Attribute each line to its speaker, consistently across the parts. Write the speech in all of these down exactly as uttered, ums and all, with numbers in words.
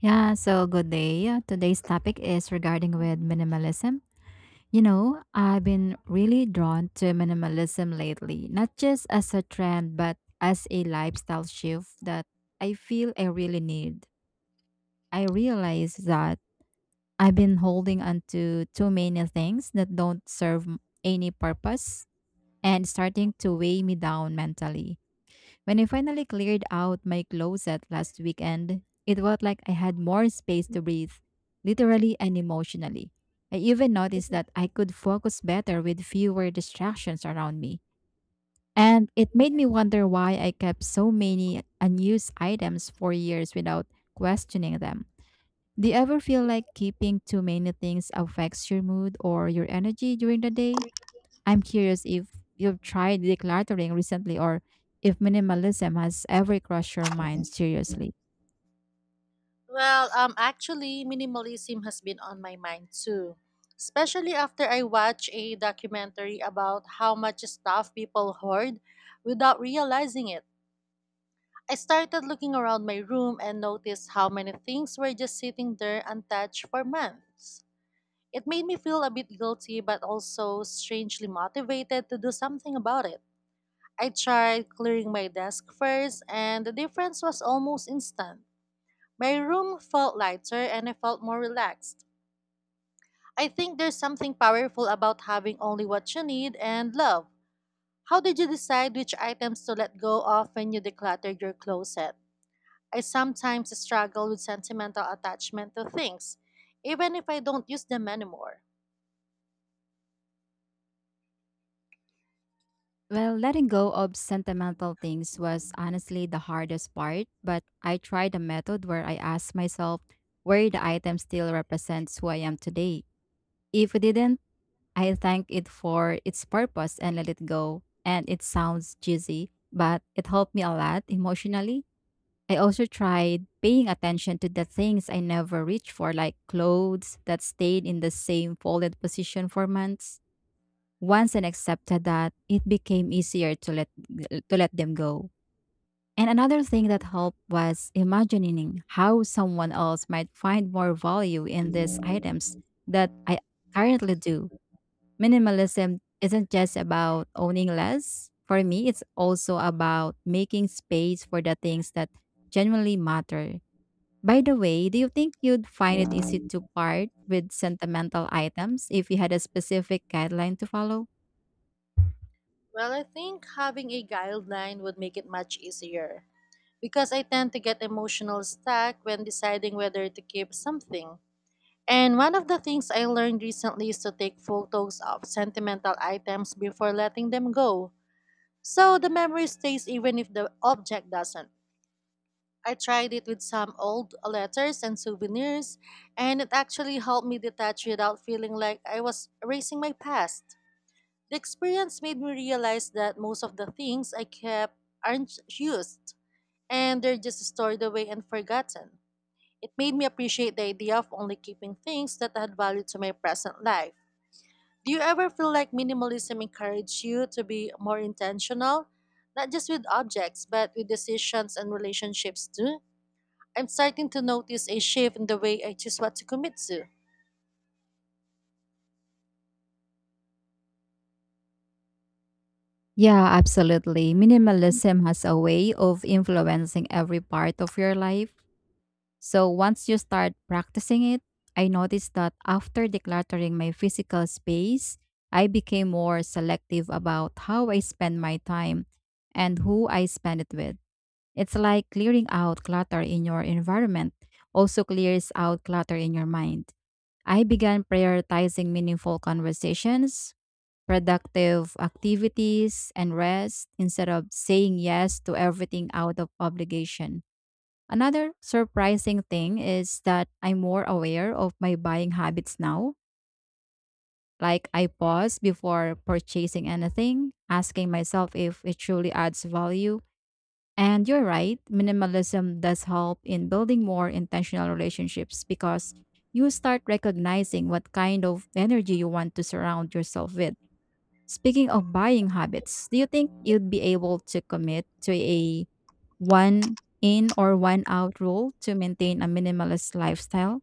Speaker 1: Yeah, so good day. Uh, Today's topic is regarding with
Speaker 2: Mhm.
Speaker 1: minimalism. You know, I've been really drawn to minimalism lately, not just as a trend, but as a lifestyle shift that I feel I really need. I realize that I've been holding on to too many things that don't serve any purpose and starting to weigh me down mentally. When I finally cleared out my closet last weekend, it felt like I had more space to breathe, literally and emotionally. I even noticed that I could focus better with fewer distractions around me. And it made me wonder why I kept so many unused items for years without questioning them. Do you ever feel like keeping too many things affects your mood or your energy during the day? I'm curious if you've tried decluttering recently or if minimalism has ever crossed your mind seriously.
Speaker 2: Well, um, actually, minimalism has been on my mind too, especially after I watched a documentary about how much stuff people hoard without realizing it. I started looking around my room and noticed how many things were just sitting there untouched for months. It made me feel a bit guilty, but also strangely motivated to do something about it. I tried clearing my desk first, and the difference was almost instant. My room felt lighter and I felt more relaxed. I think there's something powerful about having only what you need and love. How did you decide which items to let go of when you decluttered your closet? I sometimes struggle with sentimental attachment to things, even if I don't use them anymore.
Speaker 1: Well, letting go of sentimental things was honestly the hardest part, but I tried a method where I asked myself where the item still represents who I am today. If it didn't, I thank it for its purpose and let it go. And it sounds cheesy, but it helped me a lot emotionally. I also tried paying attention to the things I never reached for, like clothes that stayed in the same folded position for months. Once I accepted that, it became easier to let to let them go. And another thing that helped was imagining how someone else might find more value in these items that I currently do. Minimalism isn't just about owning less. For me, it's also about making space for the things that genuinely matter. By the way, do you think you'd find it easy to part with sentimental items if you had a specific guideline to follow?
Speaker 2: Well, I think having a guideline would make it much easier because I tend to get emotional stuck when deciding whether to keep something. And one of the things I learned recently is to take photos of sentimental items before letting them go, so the memory stays even if the object doesn't. I tried it with some old letters and souvenirs, and it actually helped me detach without feeling like I was erasing my past. The experience made me realize that most of the things I kept aren't used, and they're just stored away and forgotten. It made me appreciate the idea of only keeping things that add value to my present life. Do you ever feel like minimalism encourages you to be more intentional, not just with objects, but with decisions and relationships too? I'm starting to notice a shift in the way I choose what to commit to.
Speaker 1: Yeah, absolutely. Minimalism has a way of influencing every part of your life. So once you start practicing it, I noticed that after decluttering my physical space, I became more selective about how I spend my time and who I spend it with. It's like clearing out clutter in your environment also clears out clutter in your mind. I began prioritizing meaningful conversations, productive activities, and rest instead of saying yes to everything out of obligation. Another surprising thing is that I'm more aware of my buying habits now. Like, I pause before purchasing anything, asking myself if it truly adds value. And you're right, minimalism does help in building more intentional relationships because you start recognizing what kind of energy you want to surround yourself with. Speaking of buying habits, do you think you'd be able to commit to a one in or one out rule to maintain a minimalist lifestyle?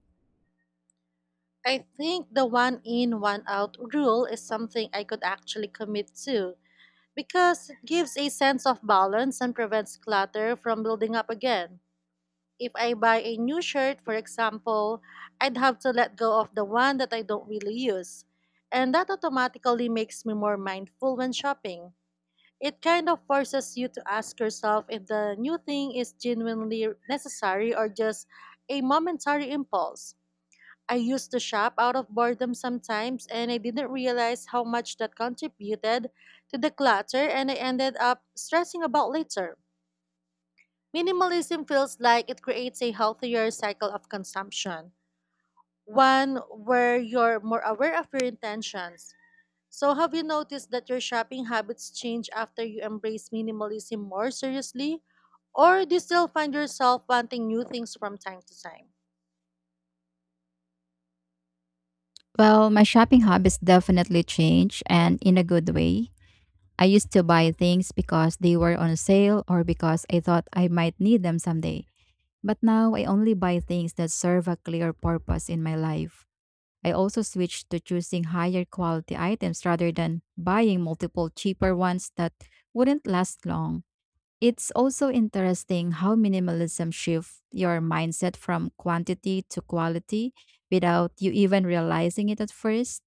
Speaker 2: I think the one in, one out rule is something I could actually commit to because it gives a sense of balance and prevents clutter from building up again. If I buy a new shirt, for example, I'd have to let go of the one that I don't really use. And that automatically makes me more mindful when shopping. It kind of forces you to ask yourself if the new thing is genuinely necessary or just a momentary impulse. I used to shop out of boredom sometimes, and I didn't realize how much that contributed to the clutter, and I ended up stressing about later. Minimalism feels like it creates a healthier cycle of consumption, one where you're more aware of your intentions. So, have you noticed that your shopping habits change after you embrace minimalism more seriously? Or do you still find yourself wanting new things from time to time?
Speaker 1: Well, my shopping habits definitely change and in a good way. I used to buy things because they were on sale or because I thought I might need them someday. But now I only buy things that serve a clear purpose in my life. I also switched to choosing higher quality items rather than buying multiple cheaper ones that wouldn't last long. It's also interesting how minimalism shifts your mindset from quantity to quality without you even realizing it at first.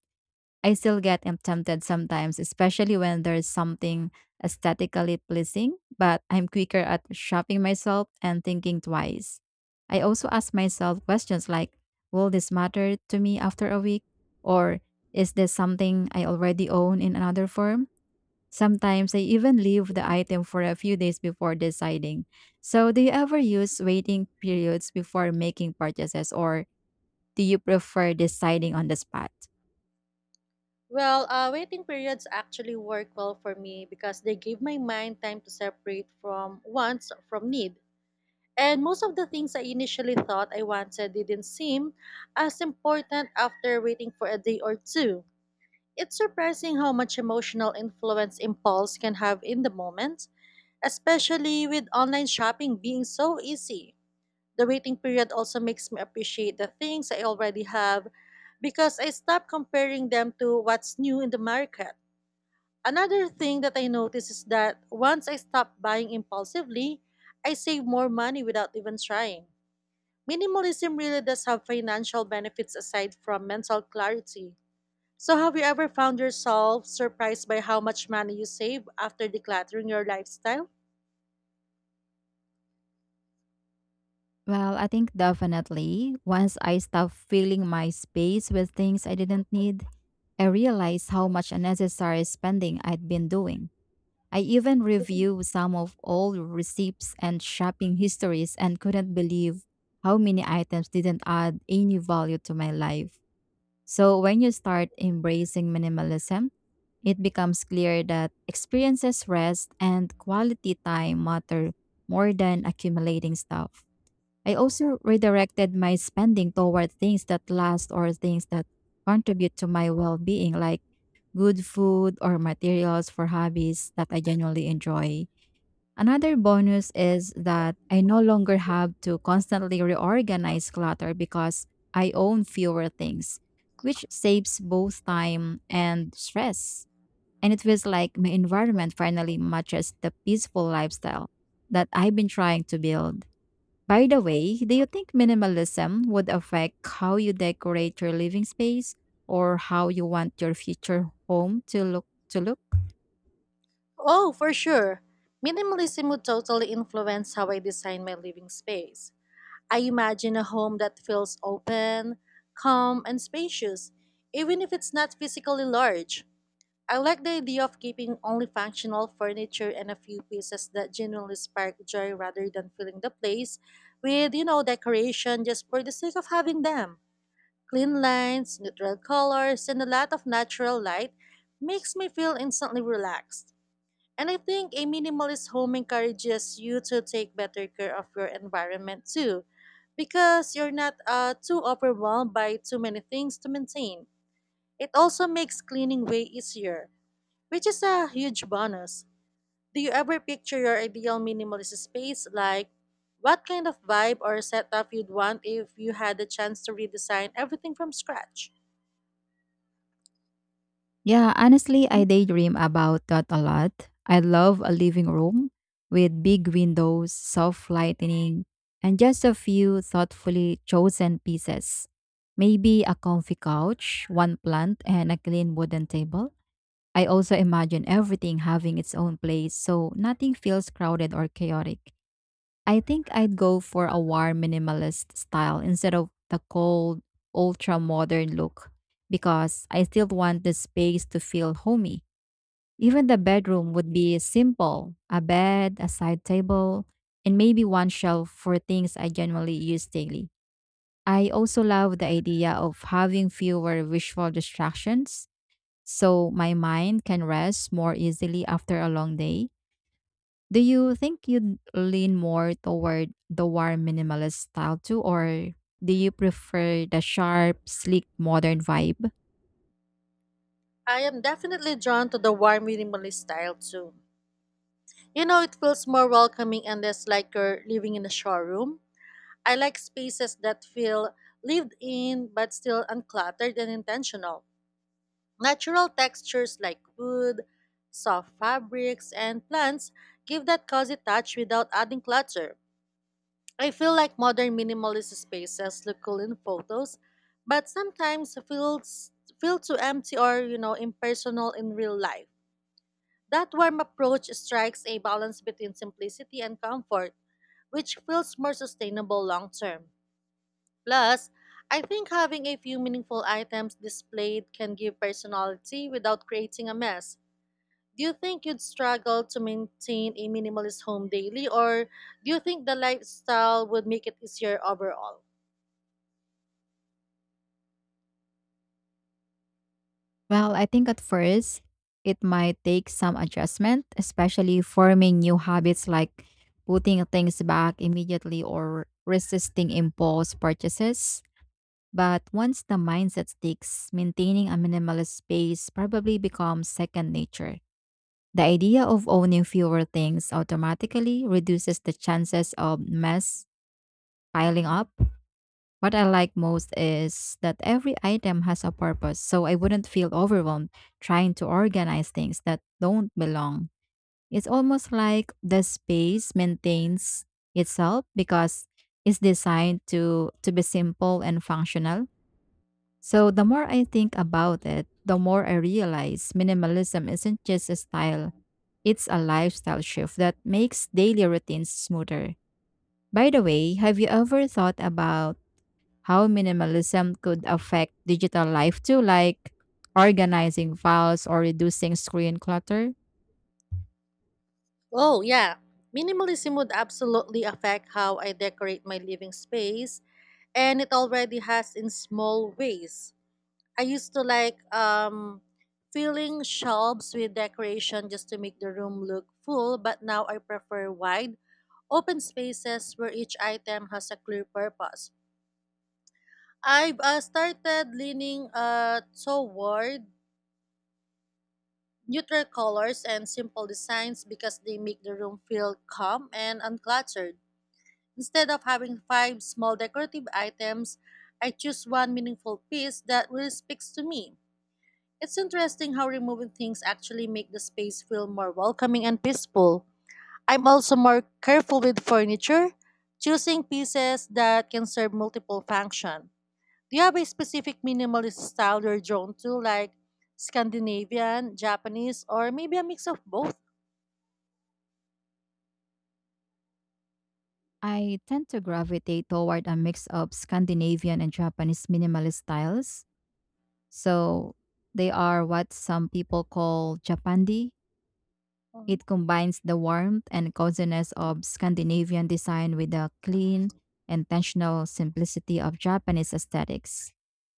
Speaker 1: I still get am- tempted sometimes, especially when there's something aesthetically pleasing, but I'm quicker at shopping myself and thinking twice. I also ask myself questions like, will this matter to me after a week? Or is this something I already own in another form? Sometimes I even leave the item for a few days before deciding. So, do you ever use waiting periods before making purchases or do you prefer deciding on the spot?
Speaker 2: Well, uh, waiting periods actually work well for me because they give my mind time to separate from wants from need. And most of the things I initially thought I wanted didn't seem as important after waiting for a day or two. It's surprising how much emotional influence impulse can have in the moment, especially with online shopping being so easy. The waiting period also makes me appreciate the things I already have because I stop comparing them to what's new in the market. Another thing that I notice is that once I stop buying impulsively, I save more money without even trying. Minimalism really does have financial benefits aside from mental clarity. So, have you ever found yourself surprised by how much money you save after decluttering your lifestyle?
Speaker 1: Well, I think definitely. Once I stopped filling my space with things I didn't need, I realized how much unnecessary spending I'd been doing. I even reviewed some of old receipts and shopping histories and couldn't believe how many items didn't add any value to my life. So, when you start embracing minimalism, it becomes clear that experiences, rest, and quality time matter more than accumulating stuff. I also redirected my spending toward things that last or things that contribute to my well being, like good food or materials for hobbies that I genuinely enjoy. Another bonus is that I no longer have to constantly reorganize clutter because I own fewer things, which saves both time and stress. And it feels like my environment finally matches the peaceful lifestyle that I've been trying to build. By the way, do you think minimalism would affect how you decorate your living space or how you want your future home to look to look?
Speaker 2: Oh, for sure. Minimalism would totally influence how I design my living space. I imagine a home that feels open, calm, and spacious, even if it's not physically large. I like the idea of keeping only functional furniture and a few pieces that genuinely spark joy rather than filling the place with, you know, decoration just for the sake of having them. Clean lines, neutral colors, and a lot of natural light makes me feel instantly relaxed. And I think a minimalist home encourages you to take better care of your environment too, because you're not uh, too overwhelmed by too many things to maintain. It also makes cleaning way easier, which is a huge bonus. Do you ever picture your ideal minimalist space? Like, what kind of vibe or setup you'd want if you had the chance to redesign everything from scratch?
Speaker 1: Yeah, honestly, I daydream about that a lot. I love a living room with big windows, soft lighting, and just a few thoughtfully chosen pieces. Maybe a comfy couch, one plant, and a clean wooden table. I also imagine everything having its own place so nothing feels crowded or chaotic. I think I'd go for a warm minimalist style instead of the cold, ultra modern look because I still want the space to feel homey. Even the bedroom would be simple: a bed, a side table, and maybe one shelf for things I generally use daily. I also love the idea of having fewer visual distractions so my mind can rest more easily after a long day. Do you think you'd lean more toward the warm minimalist style too, or do you prefer the sharp, sleek, modern vibe?
Speaker 2: I am definitely drawn to the warm minimalist style too. You know, it feels more welcoming and less like you're living in a showroom. I like spaces that feel lived in but still uncluttered and intentional. Natural textures like wood, soft fabrics, and plants give that cozy touch without adding clutter. I feel like modern minimalist spaces look cool in photos, but sometimes feels feel too empty or, you know, impersonal in real life. That warm approach strikes a balance between simplicity and comfort, which feels more sustainable long term. Plus, I think having a few meaningful items displayed can give personality without creating a mess. Do you think you'd struggle to maintain a minimalist home daily, or do you think the lifestyle would make it easier overall?
Speaker 1: Well, I think at first it might take some adjustment, especially forming new habits like putting things back immediately or resisting impulse purchases. But once the mindset sticks, maintaining a minimalist space probably becomes second nature. The idea of owning fewer things automatically reduces the chances of mess piling up. What I like most is that every item has a purpose, so I wouldn't feel overwhelmed trying to organize things that don't belong. It's almost like the space maintains itself because it's designed to, to be simple and functional. So the more I think about it, the more I realize minimalism isn't just a style, it's a lifestyle shift that makes daily routines smoother. By the way, have you ever thought about how minimalism could affect digital life too, like organizing files or reducing screen clutter?
Speaker 2: Oh, yeah. Minimalism would absolutely affect how I decorate my living space, and it already has in small ways. I used to like um filling shelves with decoration just to make the room look full, but now I prefer wide open spaces where each item has a clear purpose. I've uh, started leaning uh, toward neutral colors and simple designs because they make the room feel calm and uncluttered. Instead of having five small decorative items, I choose one meaningful piece that really speaks to me. It's interesting how removing things actually make the space feel more welcoming and peaceful. I'm also more careful with furniture, choosing pieces that can serve multiple functions. Do you have a specific minimalist style you're drawn to, like Scandinavian, Japanese, or maybe a mix of both?
Speaker 1: I tend to gravitate toward a mix of Scandinavian and Japanese minimalist styles. So they are what some people call Japandi.
Speaker 2: Mhm.
Speaker 1: It combines the warmth and coziness of Scandinavian design with the clean, intentional simplicity of Japanese aesthetics.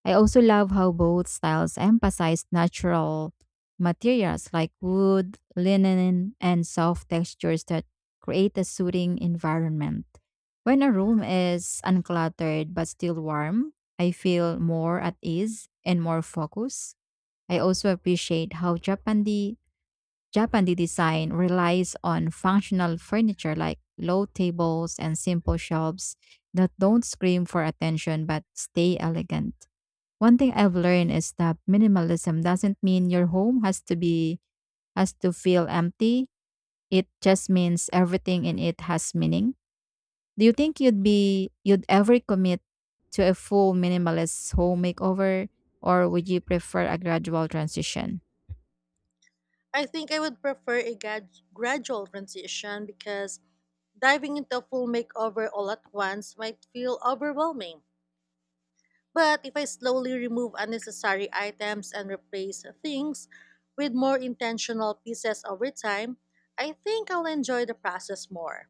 Speaker 1: I also love how both styles emphasize natural materials like wood, linen, and soft textures that create a soothing environment. When a room is uncluttered but still warm, I feel more at ease and more focused. I also appreciate how Japandi Japandi design relies on functional furniture like low tables and simple shelves that don't scream for attention but stay elegant. One thing I've learned is that minimalism doesn't mean your home has to be has to feel empty. It just means everything in it has meaning. Do you think you'd be you'd ever commit to a full minimalist home makeover or would you prefer a gradual transition?
Speaker 2: I think I would prefer a grad- gradual transition because diving into a full makeover all at once might feel overwhelming. But if I slowly remove unnecessary items and replace things with more intentional pieces over time, I think I'll enjoy the process more.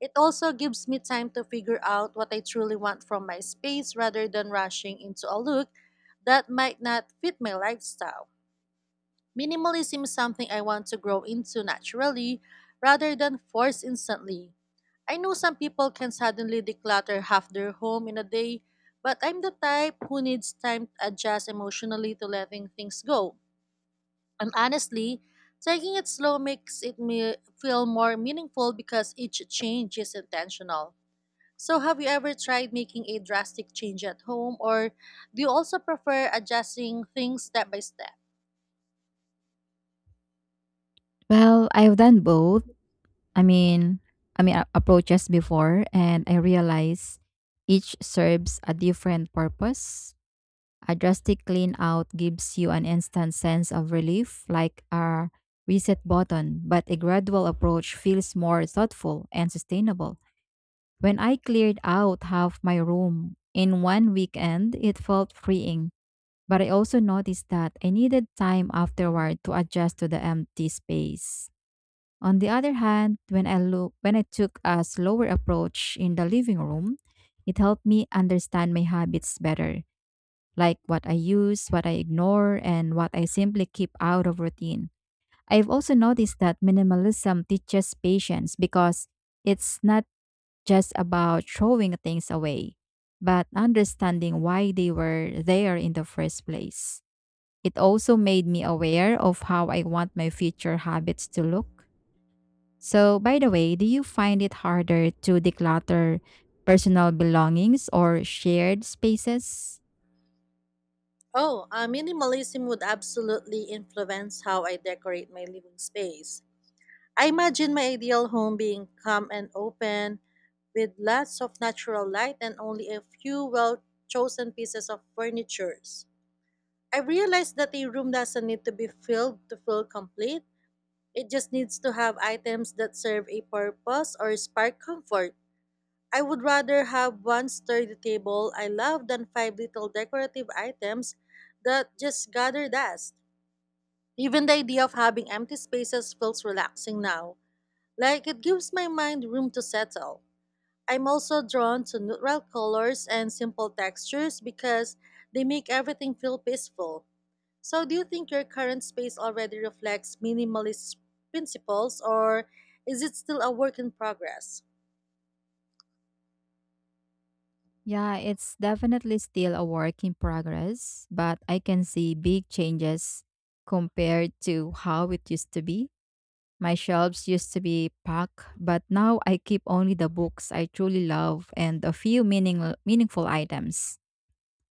Speaker 2: It also gives me time to figure out what I truly want from my space rather than rushing into a look that might not fit my lifestyle. Minimalism is something I want to grow into naturally rather than force instantly. I know some people can suddenly declutter half their home in a day, but I'm the type who needs time to adjust emotionally to letting things go. And honestly, taking it slow makes it me feel more meaningful because each change is intentional. So, have you ever tried making a drastic change at home, or do you also prefer adjusting things step by step?
Speaker 1: Well, I've done both. I mean, I mean, a- approaches before, and I realize each serves a different purpose. A drastic clean out gives you an instant sense of relief, like a reset button, but a gradual approach feels more thoughtful and sustainable. When I cleared out half my room in one weekend, it felt freeing, but I also noticed that I needed time afterward to adjust to the empty space. On the other hand, when I look, when I took a slower approach in the living room, it helped me understand my habits better, like what I use, what I ignore, and what I simply keep out of routine. I've also noticed that minimalism teaches patience because it's not just about throwing things away, but understanding why they were there in the first place. It also made me aware of how I want my future habits to look. So, by the way, do you find it harder to declutter personal belongings or shared spaces?
Speaker 2: Oh, uh, Minimalism would absolutely influence how I decorate my living space. I imagine my ideal home being calm and open, with lots of natural light and only a few well chosen pieces of furniture. I realized that a room doesn't need to be filled to feel complete. It just needs to have items that serve a purpose or spark comfort. I would rather have one sturdy table I love than five little decorative items that just gather dust. Even the idea of having empty spaces feels relaxing now, like it gives my mind room to settle. I'm also drawn to neutral colors and simple textures because they make everything feel peaceful. So, do you think your current space already reflects minimalist principles, or is it still a work in progress?
Speaker 1: Yeah, it's definitely still a work in progress, but I can see big changes compared to how it used to be. My shelves used to be packed, but now I keep only the books I truly love and a few meaning meaningful items.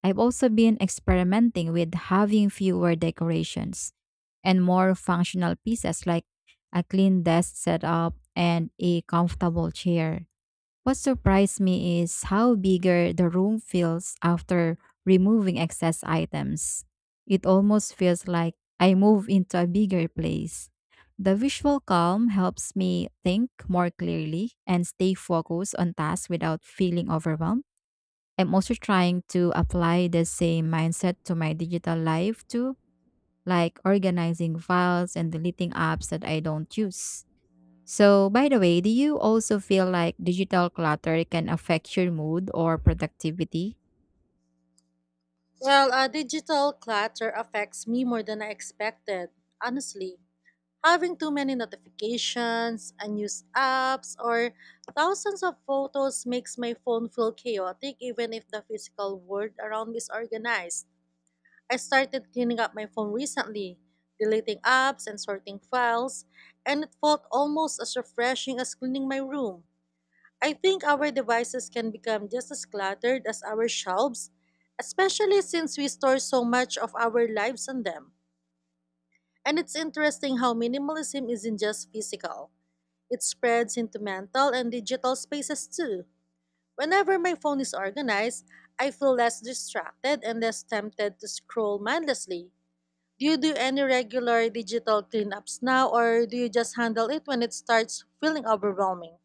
Speaker 1: I've also been experimenting with having fewer decorations and more functional pieces like a clean desk setup and a comfortable chair. What surprised me is how bigger the room feels after removing excess items. It almost feels like I move into a bigger place. The visual calm helps me think more clearly and stay focused on tasks without feeling overwhelmed. I'm also trying to apply the same mindset to my digital life too, like organizing files and deleting apps that I don't use. So, by the way, do you also feel like digital clutter can affect your mood or productivity?
Speaker 2: Well, uh, digital clutter affects me more than I expected, honestly. Having too many notifications, unused apps, or thousands of photos makes my phone feel chaotic even if the physical world around me is organized. I started cleaning up my phone recently, deleting apps and sorting files, and it felt almost as refreshing as cleaning my room. I think our devices can become just as cluttered as our shelves, especially since we store so much of our lives on them. And it's interesting how minimalism isn't just physical, it spreads into mental and digital spaces too. Whenever my phone is organized, I feel less distracted and less tempted to scroll mindlessly. Do you do any regular digital cleanups now, or do you just handle it when it starts feeling overwhelming?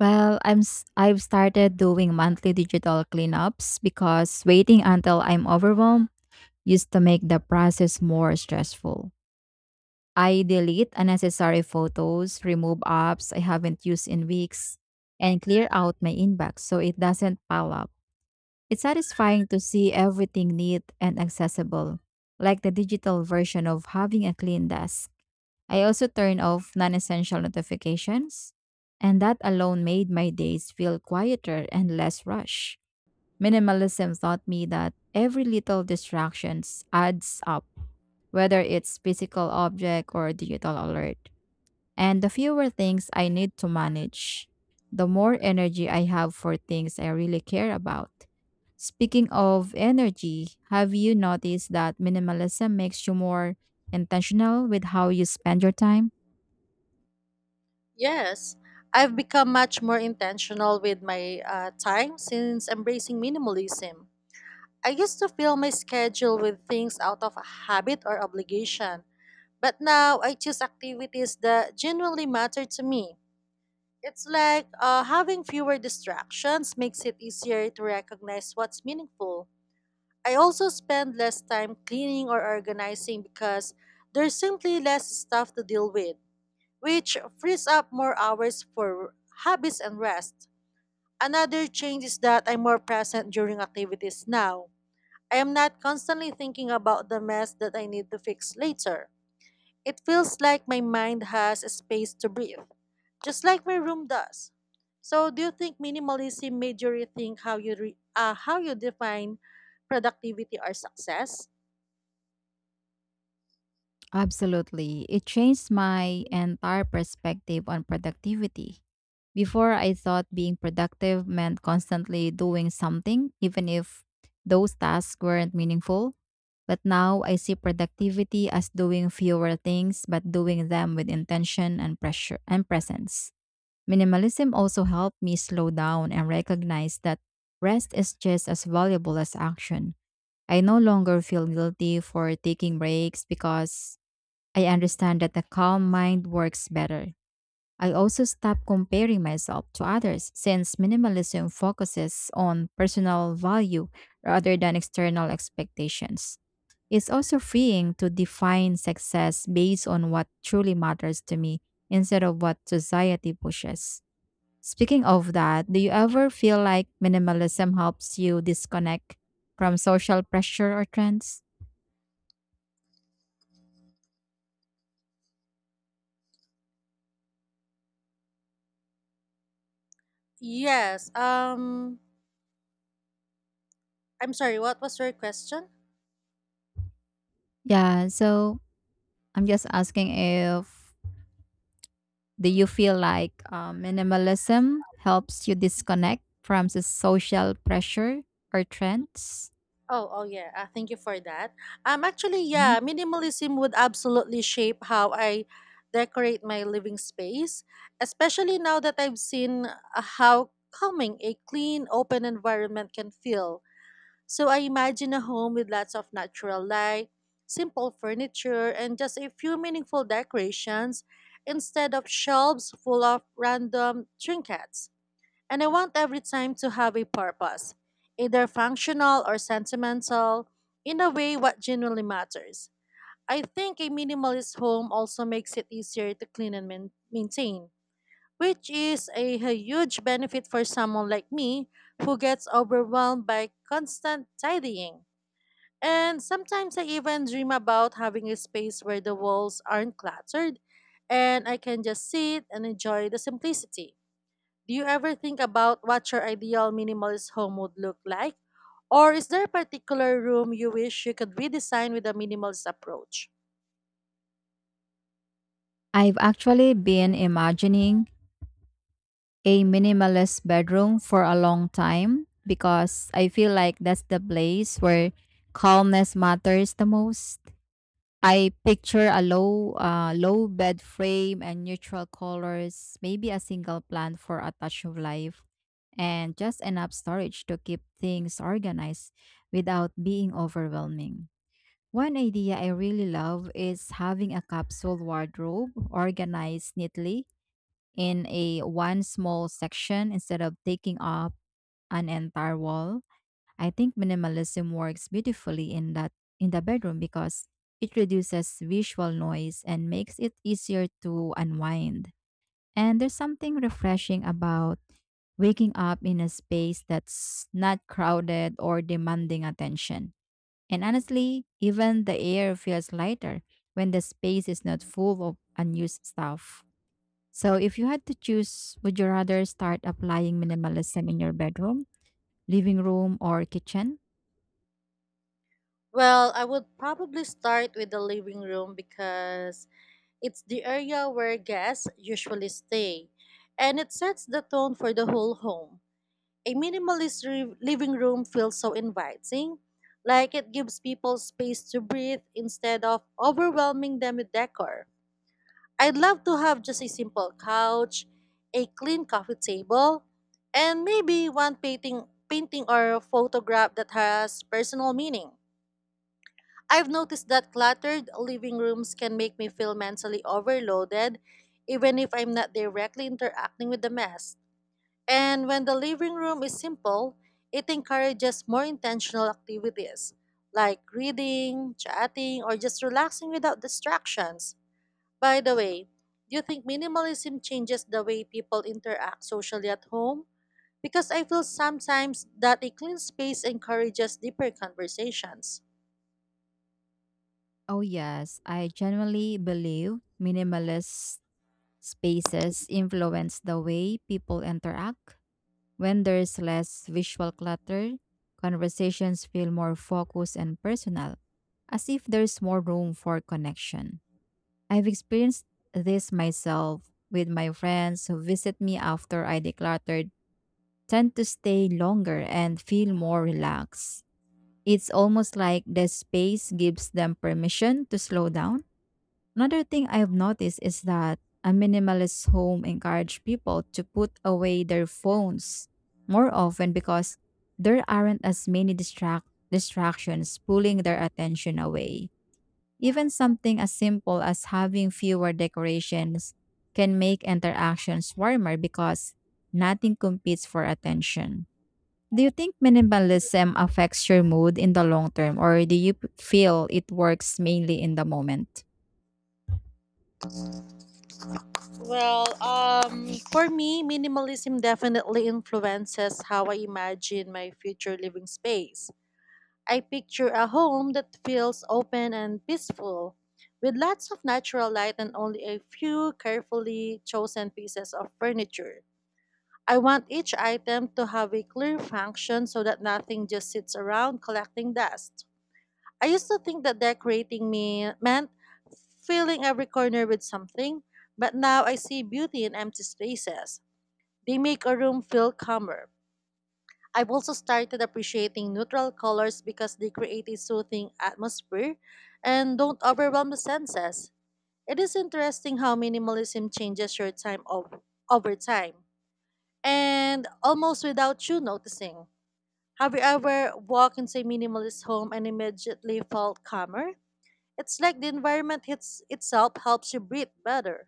Speaker 1: Well, I'm s- I've started doing monthly digital cleanups because waiting until I'm overwhelmed used to make the process more stressful. I delete unnecessary photos, remove apps I haven't used in weeks, and clear out my inbox so it doesn't pile up. It's satisfying to see everything neat and accessible, like the digital version of having a clean desk. I also turn off non essential notifications, and that alone made my days feel quieter and less rushed. Minimalism taught me that every little distractions adds up, whether it's physical object or digital alert. And the fewer things I need to manage, the more energy I have for things I really care about. Speaking of energy, have you noticed that minimalism makes you more intentional with how you spend your time?
Speaker 2: Yes, I've become much more intentional with my uh, time since embracing minimalism. I used to fill my schedule with things out of habit or obligation, but now I choose activities that genuinely matter to me. It's like uh, having fewer distractions makes it easier to recognize what's meaningful. I also spend less time cleaning or organizing because there's simply less stuff to deal with, which frees up more hours for hobbies and rest. Another change is that I'm more present during activities now. I am not constantly thinking about the mess that I need to fix later. It feels like my mind has a space to breathe, just like my room does. So, do you think minimalism made you rethink how you re- uh, how you define productivity or success?
Speaker 1: Absolutely. It changed my entire perspective on productivity. Before, I thought being productive meant constantly doing something, even if those tasks weren't meaningful. But now I see productivity as doing fewer things, but doing them with intention and pressure and presence. Minimalism also helped me slow down and recognize that rest is just as valuable as action. I no longer feel guilty for taking breaks because I understand that a calm mind works better. I also stop comparing myself to others since minimalism focuses on personal value rather than external expectations. It's also freeing to define success based on what truly matters to me instead of what society pushes. Speaking of that, do you ever feel like minimalism helps you disconnect from social pressure or trends?
Speaker 2: Yes. Um, I'm sorry. What was your question?
Speaker 1: Yeah, so I'm just asking if, do you feel like um, minimalism helps you disconnect from the social pressure or trends?
Speaker 2: Oh, oh yeah. Uh, thank you for that. Um, actually,
Speaker 1: Mhm.
Speaker 2: yeah, minimalism would absolutely shape how I decorate my living space, especially now that I've seen uh, how calming a clean, open environment can feel. So I imagine a home with lots of natural light, simple furniture, and just a few meaningful decorations instead of shelves full of random trinkets. And I want every time to have a purpose, either functional or sentimental, in a way what genuinely matters. I think a minimalist home also makes it easier to clean and main- maintain, which is a a huge benefit for someone like me who gets overwhelmed by constant tidying. And sometimes I even dream about having a space where the walls aren't cluttered and I can just sit and enjoy the simplicity. Do you ever think about what your ideal minimalist home would look like? Or is there a particular room you wish you could redesign with a minimalist approach?
Speaker 1: I've actually been imagining a minimalist bedroom for a long time because I feel like that's the place where calmness matters the most. I picture a low, uh, low bed frame and neutral colors, maybe a single plant for a touch of life, and just enough storage to keep things organized without being overwhelming. One idea I really love is having a capsule wardrobe organized neatly in a one small section instead of taking up an entire wall. I think minimalism works beautifully in that in the bedroom because it reduces visual noise and makes it easier to unwind. And there's something refreshing about waking up in a space that's not crowded or demanding attention. And honestly, even the air feels lighter when the space is not full of unused stuff. So if you had to choose, would you rather start applying minimalism in your bedroom, living room, or kitchen?
Speaker 2: Well, I would probably start with the living room because it's the area where guests usually stay and it sets the tone for the whole home. A minimalist re- living room feels so inviting, like it gives people space to breathe instead of overwhelming them with decor. I'd love to have just a simple couch, a clean coffee table, and maybe one painting, painting or photograph that has personal meaning. I've noticed that cluttered living rooms can make me feel mentally overloaded even if I'm not directly interacting with the mess. And when the living room is simple, it encourages more intentional activities like reading, chatting, or just relaxing without distractions. By the way, do you think minimalism changes the way people interact socially at home? Because I feel sometimes that a clean space encourages deeper conversations.
Speaker 1: Oh, yes. I genuinely believe minimalist spaces influence the way people interact. When there's less visual clutter, conversations feel more focused and personal, as if there's more room for connection. I've experienced this myself with my friends who visit me after I decluttered, tend to stay longer and feel more relaxed. It's almost like the space gives them permission to slow down. Another thing I've noticed is that a minimalist home encourage people to put away their phones more often because there aren't as many distract distractions pulling their attention away. Even something as simple as having fewer decorations can make interactions warmer because nothing competes for attention. Do you think minimalism affects your mood in the long term or do you p- feel it works mainly in the moment?
Speaker 2: Well, um, for me, minimalism definitely influences how I imagine my future living space. I picture a home that feels open and peaceful, with lots of natural light and only a few carefully chosen pieces of furniture. I want each item to have a clear function so that nothing just sits around collecting dust. I used to think that decorating me meant filling every corner with something, but now I see beauty in empty spaces. They make a room feel calmer. I've also started appreciating neutral colors because they create a soothing atmosphere and don't overwhelm the senses. It is interesting how minimalism changes your time ov- over time and almost without you noticing. Have you ever walked into a minimalist home and immediately felt calmer? It's like the environment hits itself helps you breathe better.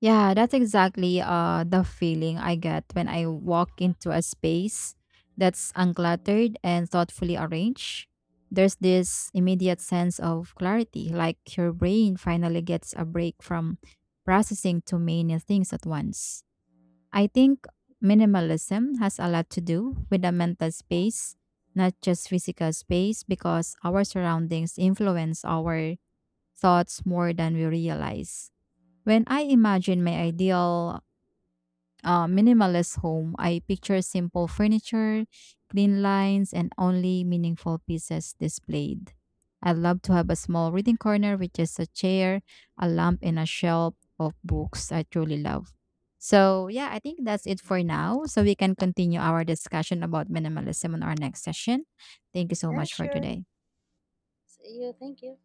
Speaker 1: Yeah, that's exactly uh the feeling I get when I walk into a space that's uncluttered and thoughtfully arranged. There's this immediate sense of clarity, like your brain finally gets a break from processing too many things at once. I think minimalism has a lot to do with the mental space, not just physical space, because our surroundings influence our thoughts more than we realize. When I imagine my ideal uh, minimalist home, I picture simple furniture, clean lines, and only meaningful pieces displayed. I'd love to have a small reading corner with just a chair, a lamp, and a shelf of books I truly love. So, yeah, I think that's it for now. So, we can continue our discussion about minimalism in our next session. Thank you so
Speaker 2: Yeah,
Speaker 1: much for
Speaker 2: sure.
Speaker 1: today.
Speaker 2: See you. Thank you.